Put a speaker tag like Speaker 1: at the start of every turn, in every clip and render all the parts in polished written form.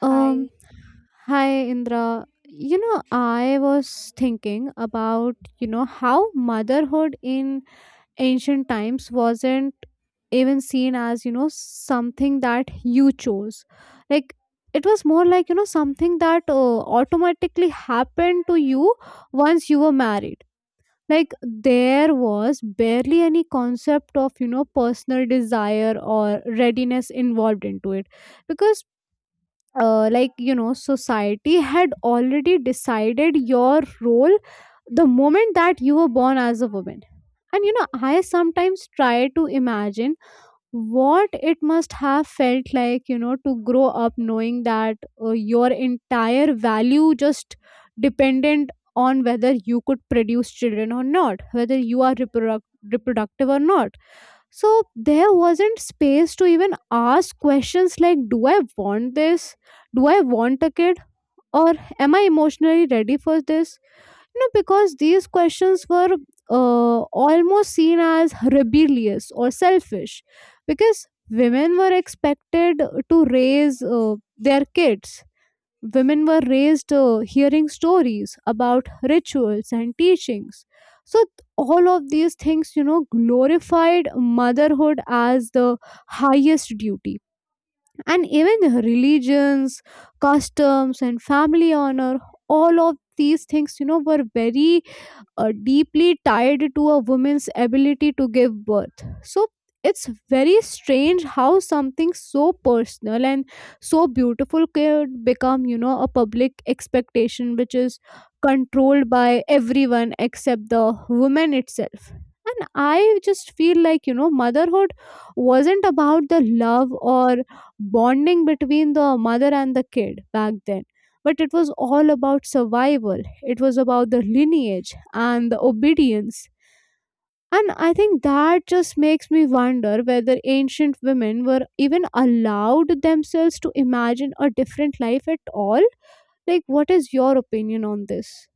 Speaker 1: Um,
Speaker 2: Hi,
Speaker 1: hi Indra. I was thinking about how motherhood in ancient times wasn't even seen as something that you chose. Like, it was more like something that automatically happened to you once you were married. Like, there was barely any concept of personal desire or readiness involved into it, because like society had already decided your role the moment that you were born as a woman. And I sometimes try to imagine what it must have felt like to grow up knowing that your entire value just dependent on whether you could produce children or not, whether you are reproductive or not. So there wasn't space to even ask questions like, "Do I want this? Do I want a kid? Or am I emotionally ready for this?" Because these questions were almost seen as rebellious or selfish, because women were expected to raise their kids. Women were raised hearing stories about rituals and teachings. So, all of these things, glorified motherhood as the highest duty. And even religions, customs, and family honor, all of these things, were very deeply tied to a woman's ability to give birth. So it's very strange how something so personal and so beautiful could become, a public expectation which is controlled by everyone except the woman itself. And I just feel like, motherhood wasn't about the love or bonding between the mother and the kid back then, but it was all about survival, it was about the lineage and the obedience. And I think that just makes me wonder whether ancient women were even allowed themselves to imagine a different life at all. Like, what is your opinion on this?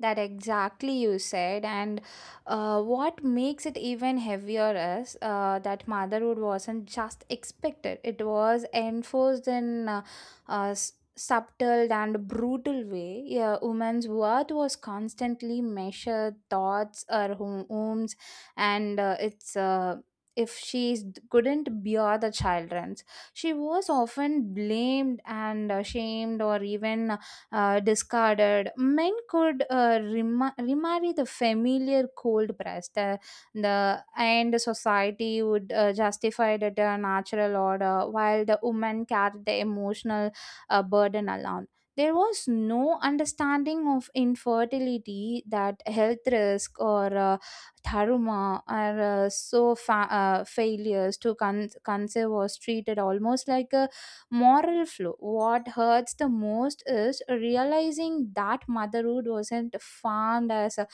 Speaker 2: that exactly you said. And what makes it even heavier is that motherhood wasn't just expected, it was enforced in a subtle and brutal way. Yeah, women's worth was constantly measured, thoughts, her home, homes, and it's. If she couldn't bear the children's, she was often blamed and shamed, or even discarded. Men could remarry the familiar cold breast. The and society would justify that a natural order, while the women carried the emotional burden alone. There was no understanding of infertility, that health risk, or Tharuma, or failures to conceive was treated almost like a moral flow. What hurts the most is realizing that motherhood wasn't farmed as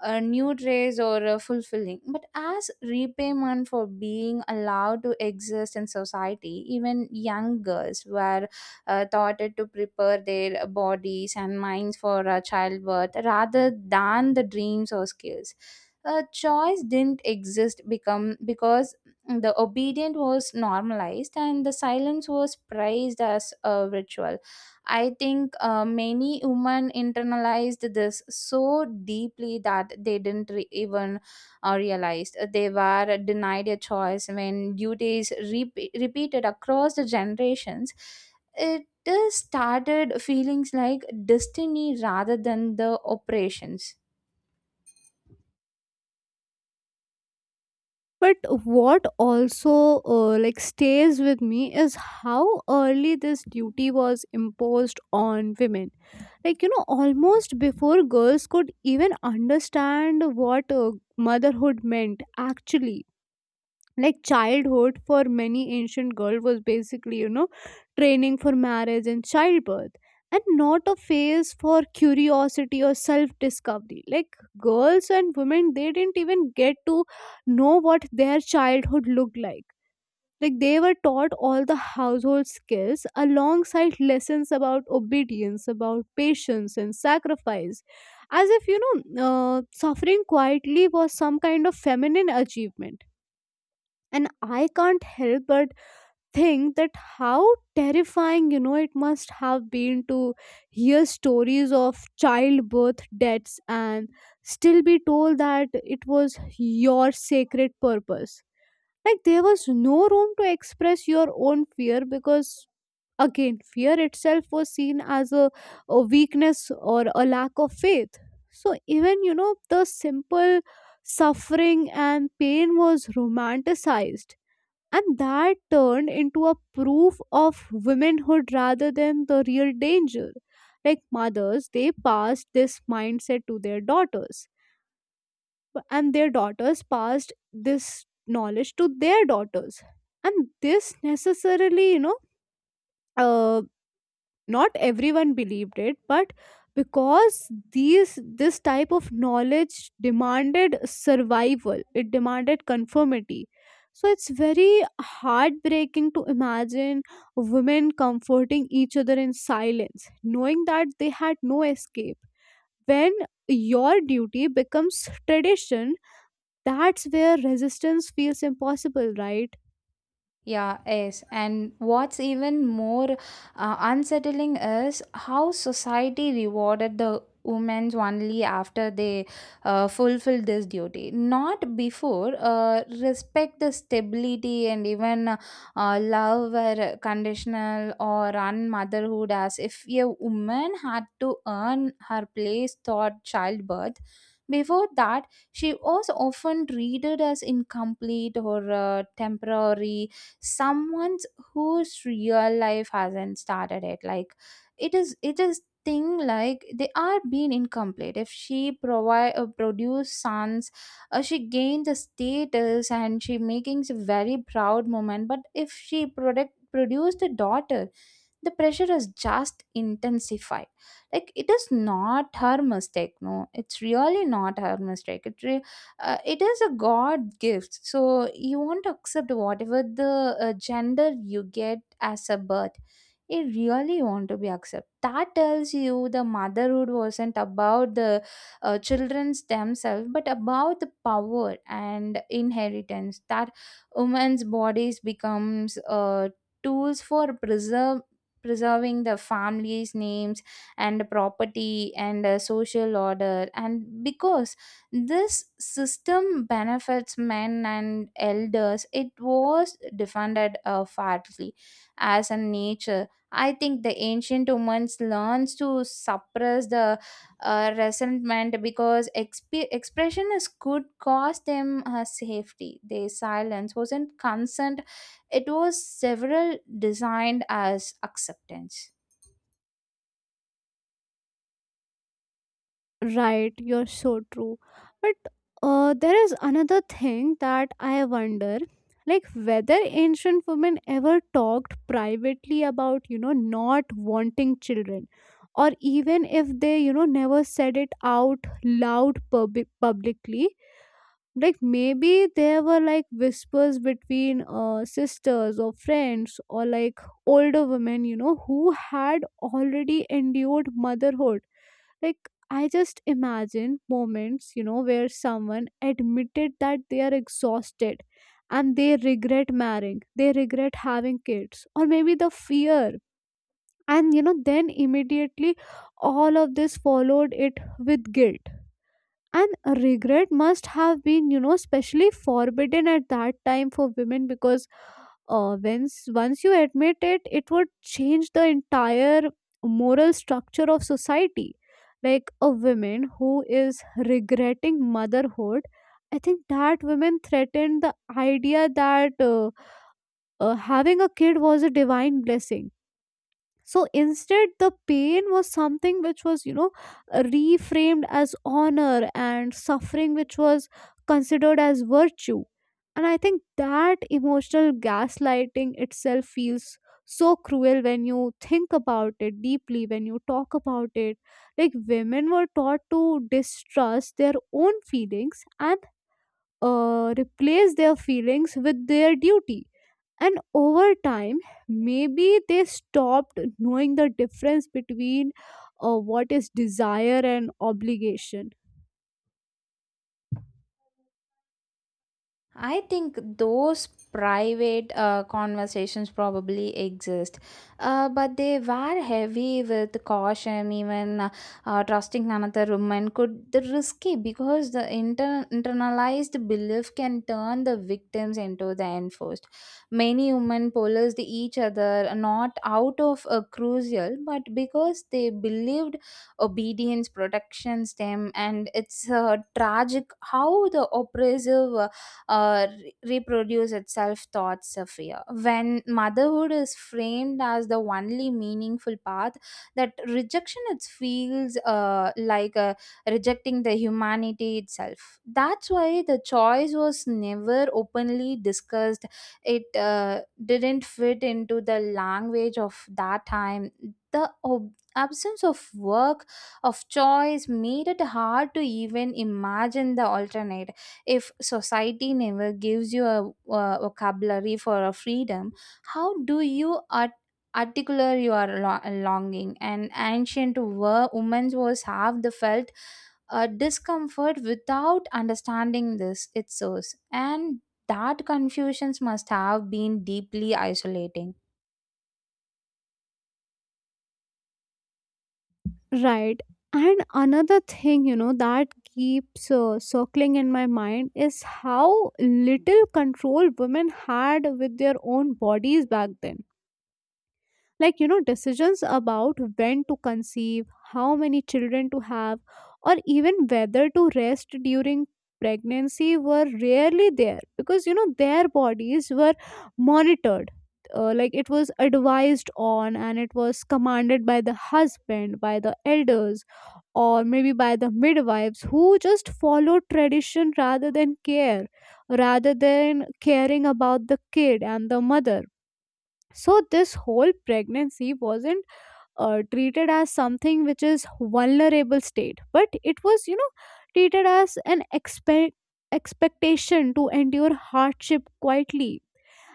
Speaker 2: a new trace or a fulfilling, but as repayment for being allowed to exist in society. Even young girls were taught to prepare their bodies and minds for childbirth rather than the dreams or skills. A choice didn't exist become because the obedience was normalized and the silence was praised as a ritual. I think many women internalized this so deeply that they didn't even realize they were denied a choice when duties repeated across the generations. It just started feelings like destiny rather than the operations.
Speaker 1: But what also like stays with me is how early this duty was imposed on women, like almost before girls could even understand what motherhood meant actually. Like, childhood for many ancient girls was basically training for marriage and childbirth, and not a phase for curiosity or self discovery. Like, girls and women, they didn't even get to know what their childhood looked like. Like, they were taught all the household skills alongside lessons about obedience, about patience and sacrifice, as if suffering quietly was some kind of feminine achievement. And I can't help but think that how terrifying it must have been to hear stories of childbirth deaths and still be told that it was your sacred purpose. Like, there was no room to express your own fear, because again, fear itself was seen as a weakness or a lack of faith. So even the simple suffering and pain was romanticized, and that turned into a proof of womanhood rather than the real danger. Like, mothers, they passed this mindset to their daughters, and their daughters passed this knowledge to their daughters. And this necessarily, uh, not everyone believed it, but because these this type of knowledge demanded survival, it demanded conformity. So it's very heartbreaking to imagine women comforting each other in silence knowing that they had no escape. When your duty becomes tradition, that's where resistance feels impossible, right?
Speaker 2: Yeah, yes. And what's even more unsettling is how society rewarded the women only after they fulfill this duty, not before. Respect the stability and even love were conditional or on motherhood, as if a woman had to earn her place through childbirth. Before that, she was often treated as incomplete or temporary, someone's whose real life hasn't started it. Like, it is thing like they are being incomplete. If she provide produce sons, she gained the status and she making a very proud moment. But if she product produced a daughter, the pressure is just intensified. Like, it is not her mistake, no, it's really not her mistake. It is a god gift, so you won't accept whatever the gender you get as a birth. It really want to be accepted. That tells you the motherhood wasn't about the children's themselves, but about the power and inheritance. That women's bodies becomes tools for preserve preserving the family's names and property and social order. And because this system benefits men and elders, it was defended fairly as a nature. I think the ancient humans learned to suppress the resentment because expression is could cost them safety. Their silence wasn't consent; it was several designed as acceptance.
Speaker 1: Right, you're so true. But there is another thing that I wonder, like whether ancient women ever talked privately about, not wanting children. Or even if they, never said it out loud publicly, like maybe there were like whispers between sisters or friends, or like older women, who had already endured motherhood. Like, I just imagine moments where someone admitted that they are exhausted and they regret marrying, they regret having kids, or maybe the fear. And then immediately all of this followed it with guilt. And regret must have been, specially forbidden at that time for women, because once you admit it, it would change the entire moral structure of society. Like, a woman who is regretting motherhood, I think that women threatened the idea that having a kid was a divine blessing. So instead, the pain was something which was reframed as honor, and suffering which was considered as virtue. And I think that emotional gaslighting itself feels so cruel when you think about it deeply, when you talk about it. Like, women were taught to distrust their own feelings and replace their feelings with their duty. And over time, maybe they stopped knowing the difference between what is desire and obligation.
Speaker 2: I think those private conversations probably exist, but they were heavy with caution. Even trusting another woman could the risky because the internalized belief can turn the victims into the enforced. Many women polarized each other not out of a crucial, but because they believed obedience protections them. And it's tragic how the oppressive reproduce itself thoughts of fear. When motherhood is framed as the only meaningful path, that rejection it feels like rejecting the humanity itself. That's why the choice was never openly discussed. It didn't fit into the language of that time. The absence of work of choice made it hard to even imagine the alternate. If society never gives you a, vocabulary for a freedom, how do you articulate your longing? And ancient women was half the felt a discomfort without understanding this its source, and that confusions must have been deeply isolating.
Speaker 1: Right, and another thing that keeps circling in my mind is how little control women had with their own bodies back then. Like, decisions about when to conceive, how many children to have, or even whether to rest during pregnancy were rarely there, because their bodies were monitored. Like, it was advised on, and it was commanded by the husband, by the elders, or maybe by the midwives, who just followed tradition rather than care, rather than caring about the kid and the mother. So, this whole pregnancy wasn't treated as something which is vulnerable state, but it was, treated as an expectation to endure hardship quietly.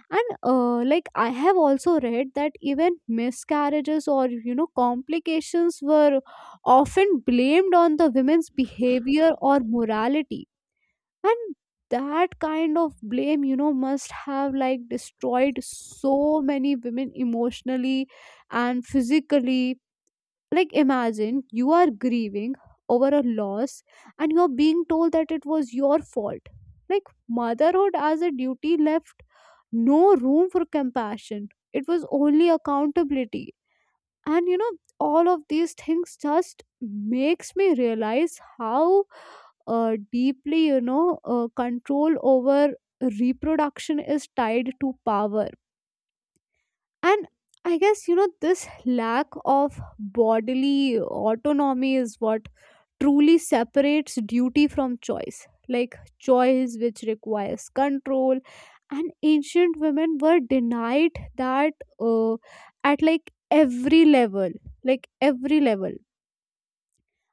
Speaker 1: And like I have also read that even miscarriages or complications were often blamed on the women's behavior or morality. And that kind of blame, must have like destroyed so many women emotionally and physically. Like, imagine you are grieving over a loss and you're being told that it was your fault. Like, motherhood as a duty left no room for compassion, it was only accountability. And all of these things just makes me realize how deeply, control over reproduction is tied to power. And I guess, this lack of bodily autonomy is what truly separates duty from choice. Like choice, which requires control, and ancient women were denied that uh, at like every level, like every level.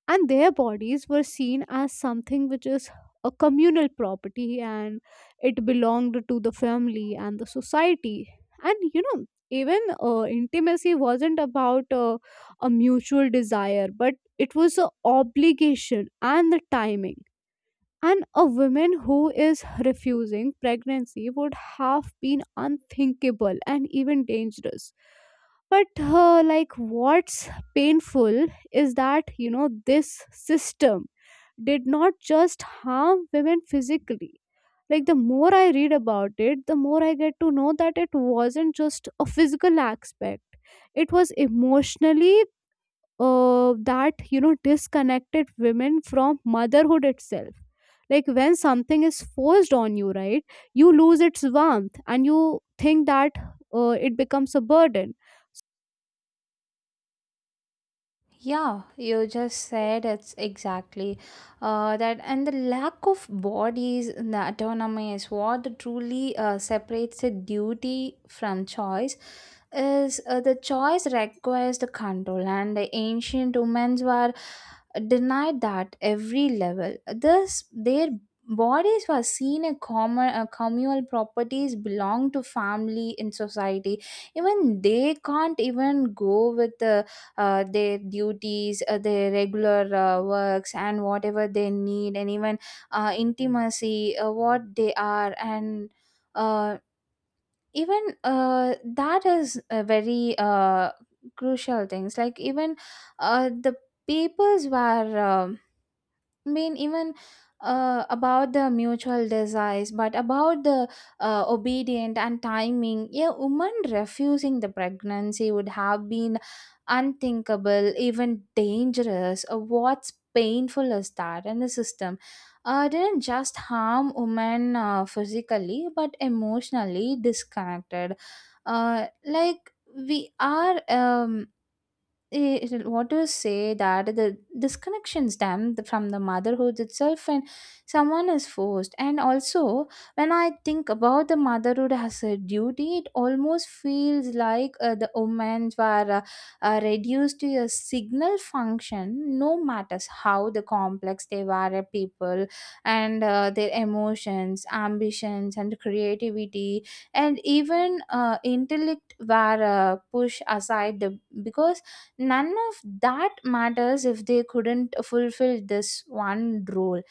Speaker 1: And their bodies were seen as something which is a communal property, and it belonged to the family and the society. And even intimacy wasn't about a mutual desire, but it was an obligation and the timing. And a woman who is refusing pregnancy would have been unthinkable and even dangerous. But, like, what's painful is that, this system did not just harm women physically. Like, the more I read about it, the more I get to know that it wasn't just a physical aspect, it was emotionally, that disconnected women from motherhood itself. Like, when something is forced on you, right, you lose its warmth, and you think that it becomes a burden.
Speaker 2: Yeah, you just said it's exactly that, and the lack of bodies in the autonomy is what truly separates the duty from choice. Is the choice requires the control, and the ancient humans were denied that every level. This their bodies were seen a common communal properties belong to family in society. Even they can't even go with the their duties, their regular works, and whatever they need, and even intimacy, what they are, and uh, even that is a very crucial things. Like, even the papers were. Mean even About the mutual desires, but about the obedient and timing. A woman refusing the pregnancy would have been unthinkable, even dangerous. What's painful is that and the system didn't just harm women physically, but emotionally disconnected. Like we are it, it- What do you say that the disconnections them from the motherhood itself, and someone is forced. And also when I think about the motherhood as a duty, it almost feels like the women were reduced to a signal function, no matters how the complex they were a people. And their emotions, ambitions, and creativity, and even intellect were pushed aside the, because none of that matters if they couldn't fulfill this one role.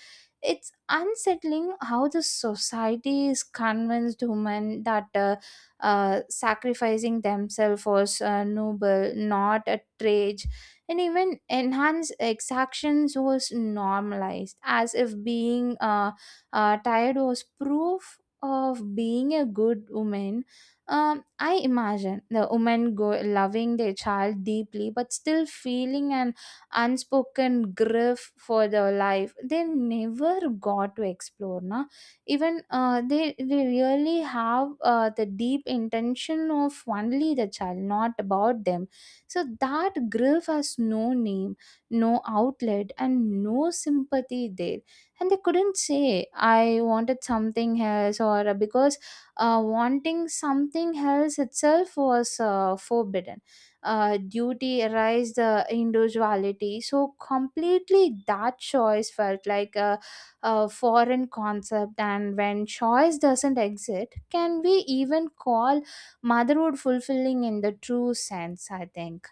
Speaker 2: It's unsettling how the society is convinced women that sacrificing themselves was noble, not a trade. And even enhanced exactions was normalized, as if being tired was proof of being a good woman. I imagine the woman go loving their child deeply, but still feeling an unspoken grief for their life they never got to explore, na. Even they really have the deep intention of only the child, not about them. So that grief has no name, no outlet, and no sympathy there. And they couldn't say, "I wanted something else," or because wanting something else itself was forbidden. Duty erased the individuality so completely that choice felt like a foreign concept. And when choice doesn't exist, can we even call motherhood fulfilling in the true sense? I think.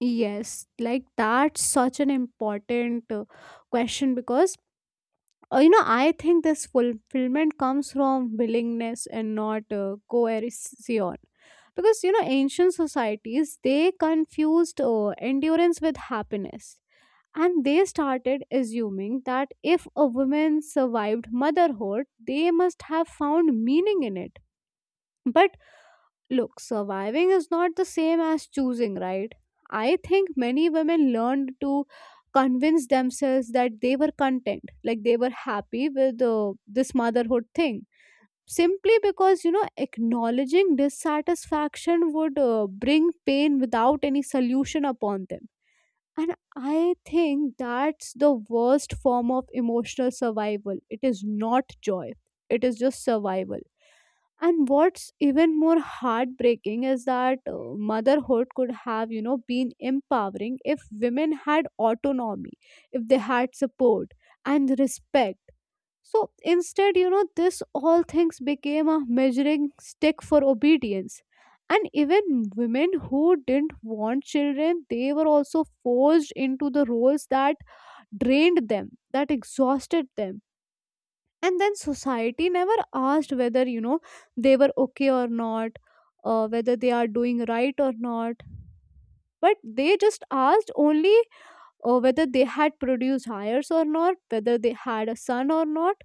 Speaker 1: Yes, like that's such an important question, because I think this fulfillment comes from willingness and not coercion. Because ancient societies, they confused endurance with happiness, and they started assuming that if a woman survived motherhood, they must have found meaning in it. But look, surviving is not the same as choosing, right? I think many women learned to convince themselves that they were content, like they were happy with this motherhood thing. Simply because, acknowledging dissatisfaction would bring pain without any solution upon them. And I think that's the worst form of emotional survival. It is not joy, it is just survival. And what's even more heartbreaking is that motherhood could have, been empowering if women had autonomy, if they had support and respect. So instead, this all things became a measuring stick for obedience. And even women who didn't want children, they were also forced into the roles that drained them, that exhausted them. And then society never asked whether, they were okay or not, whether they are doing right or not. But they just asked only whether they had produced hires or not, whether they had a son or not.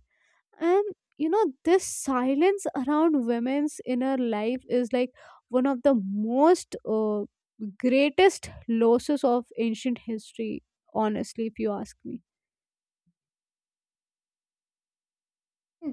Speaker 1: And this silence around women's inner life is like one of the most greatest losses of ancient history, honestly, if you ask me.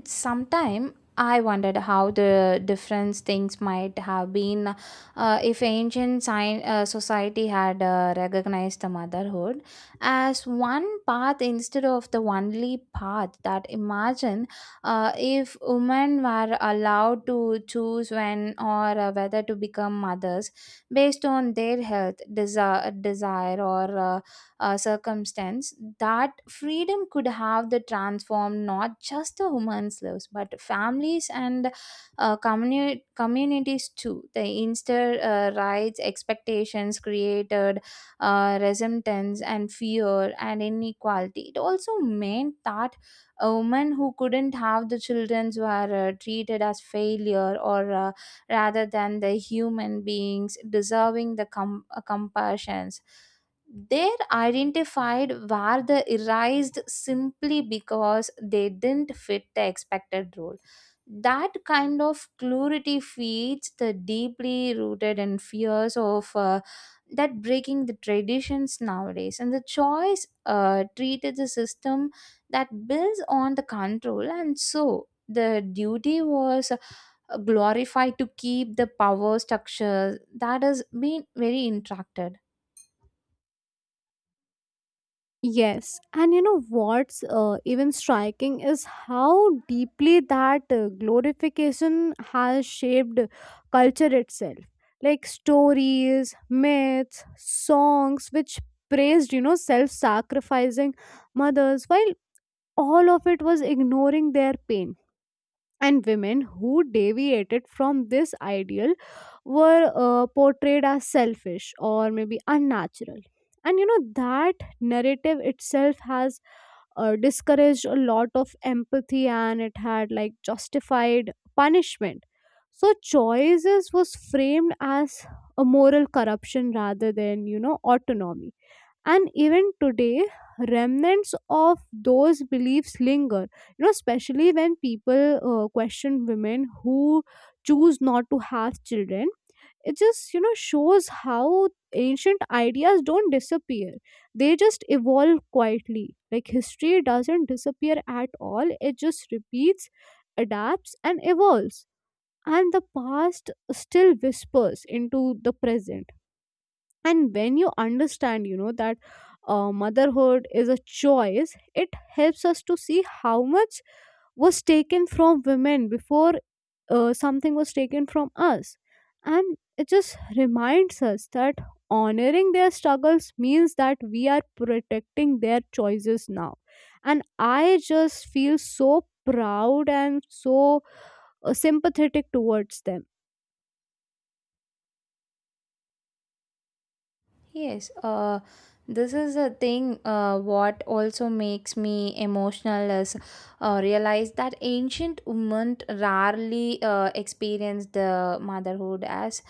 Speaker 2: Sometime I wondered how the different things might have been if ancient society had recognized the motherhood as one path instead of the only path. That imagine if women were allowed to choose when or whether to become mothers based on their health, desire, or circumstance, that freedom could have the transformed not just the women's lives, but families and communities too. The instead rights, expectations created, resentments and fear and inequality. It also meant that a woman who couldn't have the children were treated as failure, or rather than the human beings deserving the compassions. They're identified were the erased simply because they didn't fit the expected role. That kind of clarity feeds the deeply rooted and fears of that breaking the traditions nowadays. And the choice treated the system that builds on the control, and so the duty was glorified to keep the power structure that has been very interacted.
Speaker 1: Yes, and what's even striking is how deeply that glorification has shaped culture itself. Like, stories, myths, songs which praised self-sacrificing mothers, while all of it was ignoring their pain. And women who deviated from this ideal were portrayed as selfish or maybe unnatural. And that narrative itself has discouraged a lot of empathy, and it had like justified punishment. So, choices was framed as a moral corruption rather than, you know, autonomy, and even today remnants of those beliefs linger, you know, especially when people question women who choose not to have children. It just, you know, shows how ancient ideas don't disappear, they just evolve quietly. Like history doesn't disappear at all, it just repeats, adapts and evolves, and the past still whispers into the present. And when you understand, you know, that motherhood is a choice, it helps us to see how much was taken from women before. Something was taken from us, and it just reminds us that honoring their struggles means that we are protecting their choices now. And I just feel so proud and so sympathetic towards them.
Speaker 2: Yes, this is a thing what also makes me emotional is realize that ancient women rarely experienced the motherhood as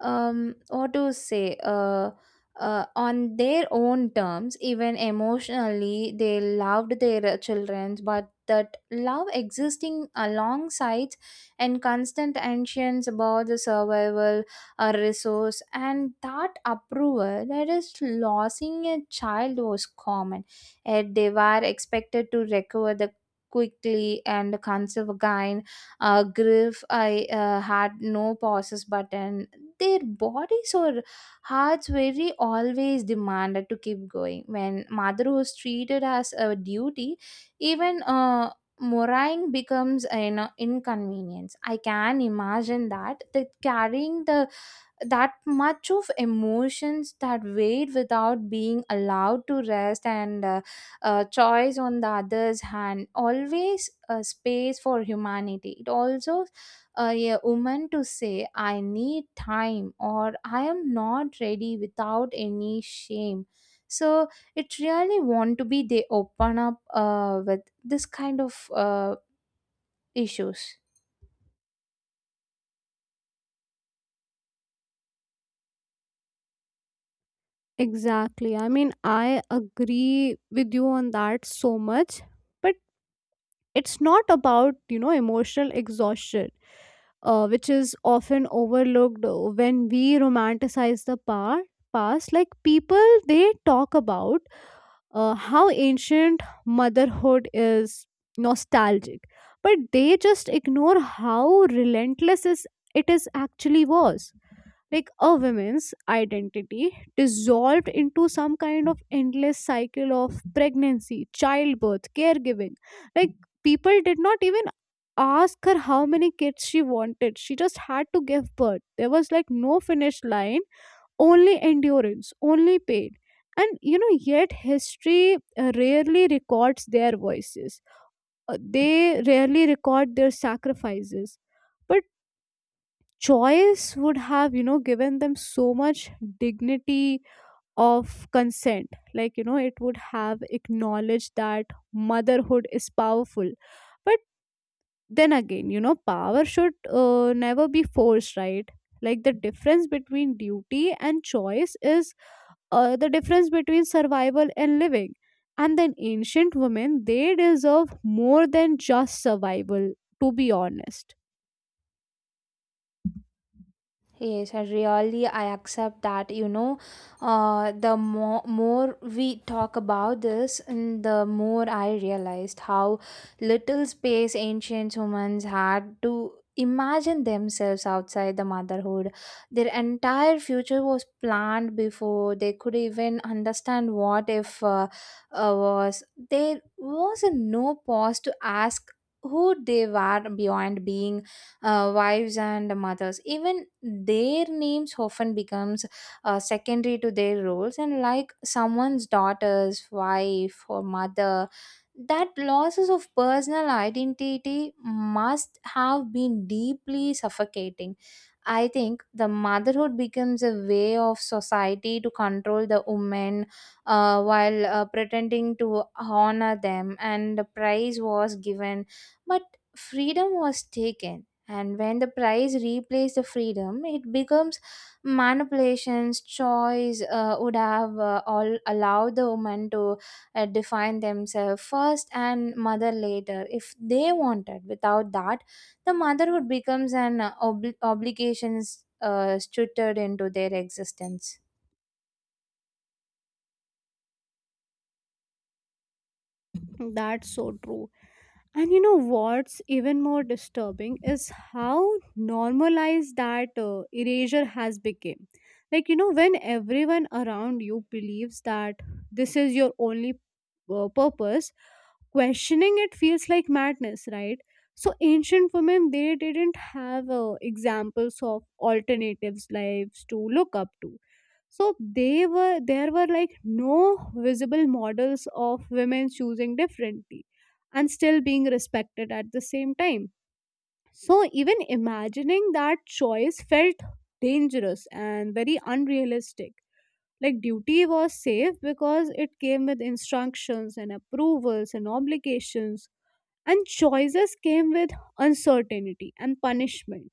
Speaker 2: what to say on their own terms. Even emotionally, they loved their children, but that love existing alongside and constant anxieties about the survival, a resource, and that approval, that is losing a child was common, yet they were expected to recover the quickly and conceive again. Grief I had no pauses button their bodies or hearts very always demanded to keep going. When mother was treated as a duty, even mourning becomes an inconvenience. I can imagine that that carrying the that much of emotions, that wait without being allowed to rest. And choice on the other's hand always a space for humanity, it also a woman to say I need time or I am not ready without any shame. So it really want to be they open up with this kind of issues.
Speaker 1: Exactly. I mean, I agree with you on that so much, but it's not about, you know, emotional exhaustion, which is often overlooked when we romanticize the past. Like people, they talk about how ancient motherhood is nostalgic, but they just ignore how relentless is it, is actually was. Like a woman's identity dissolved into some kind of endless cycle of pregnancy, childbirth, caregiving. Like, people did not even ask her how many kids she wanted, she just had to give birth. There was like no finish line, only endurance, only pain. And you know, yet history rarely records their voices. They rarely record their sacrifices. But choice would have, you know, given them so much dignity of consent. Like, you know, it would have acknowledged that motherhood is powerful. But then again, you know, power should never be forced, right? Like, the difference between duty and choice is the difference between survival and living. And then ancient women, they deserve more than just survival, to be honest.
Speaker 2: Yes, I really I accept that. You know, the more we talk about this, and the more I realized how little space ancient humans had to imagine themselves outside the motherhood. Their entire future was planned before they could even understand what if was. There was no pause to ask who they were beyond being wives and mothers. Even their names often becomes secondary to their roles, and like someone's daughter's wife or mother. That losses of personal identity must have been deeply suffocating. I think the motherhood becomes a way of society to control the women, while pretending to honor them. And the prize was given, but freedom was taken. And when the price replaces the freedom, it becomes manipulations. Choice would have all allowed the woman to define themselves first and mother later if they wanted. Without that, the motherhood becomes an obligations stuttered into their existence.
Speaker 1: That's so true. And you know what's even more disturbing is how normalized that erasure has become. Like you know, when everyone around you believes that this is your only purpose, questioning it feels like madness, right? So ancient women, they didn't have examples of alternatives lives to look up to. So they were there were like no visible models of women choosing differently and still being respected at the same time. So even imagining that choice felt dangerous and very unrealistic. Like duty was safe because it came with instructions and approvals and obligations, and choices came with uncertainty and punishment.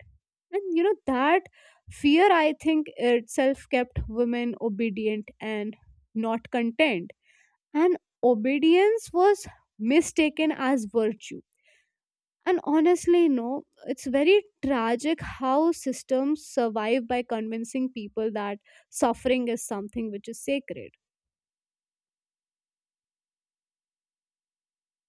Speaker 1: And you know that fear, I think, itself kept women obedient and not content. And obedience was mistaken as virtue. And honestly, no, it's very tragic how systems survive by convincing people that suffering is something which is sacred.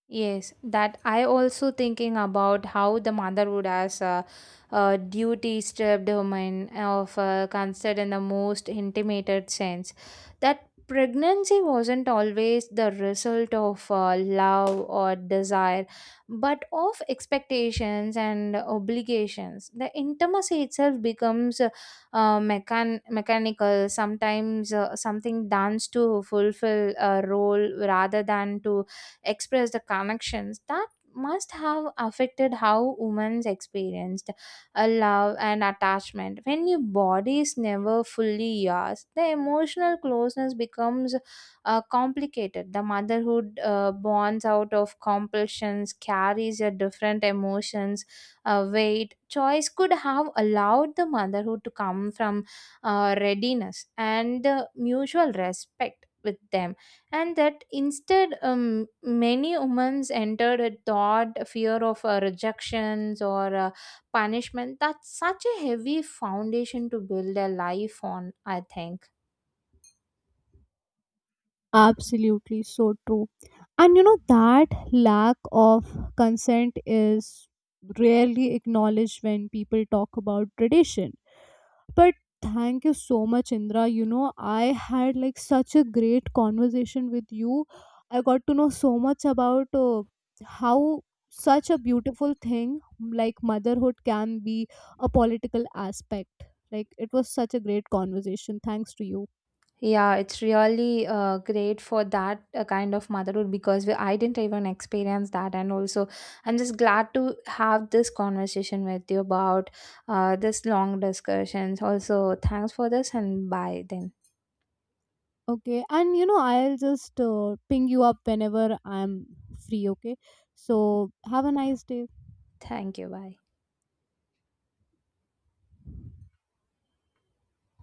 Speaker 2: Yes, that I also thinking about how the motherhood as a duty stripped woman of considered in the most intimated sense. That pregnancy wasn't always the result of love or desire, but of expectations and obligations. The intimacy itself becomes mechanical, sometimes something done to fulfill a role rather than to express the connections. That must have affected how women experienced a love and attachment. When your body is never fully yours, the emotional closeness becomes complicated. The motherhood bonds out of compulsions carries a different emotions weight. Choice could have allowed the motherhood to come from readiness and mutual respect with them. And that instead, many women entered a thought a fear of rejections or punishment. That's such a heavy foundation to build a life on, I think.
Speaker 1: Absolutely, so true. And you know, that lack of consent is rarely acknowledged when people talk about tradition. But thank you so much, Indra. You know, I had like such a great conversation with you. I got to know so much about how such a beautiful thing like motherhood can be a political aspect. Like, it was such a great conversation. Thanks to you.
Speaker 2: Yeah, it's really great for that kind of motherhood, because we, I didn't even experience that. And also I'm just glad to have this conversation with you about this long discussions also. Thanks for this, and bye then.
Speaker 1: Okay. And, you know, I'll just ping you up whenever I'm free. Okay. So, have a nice day.
Speaker 2: Thank you, bye.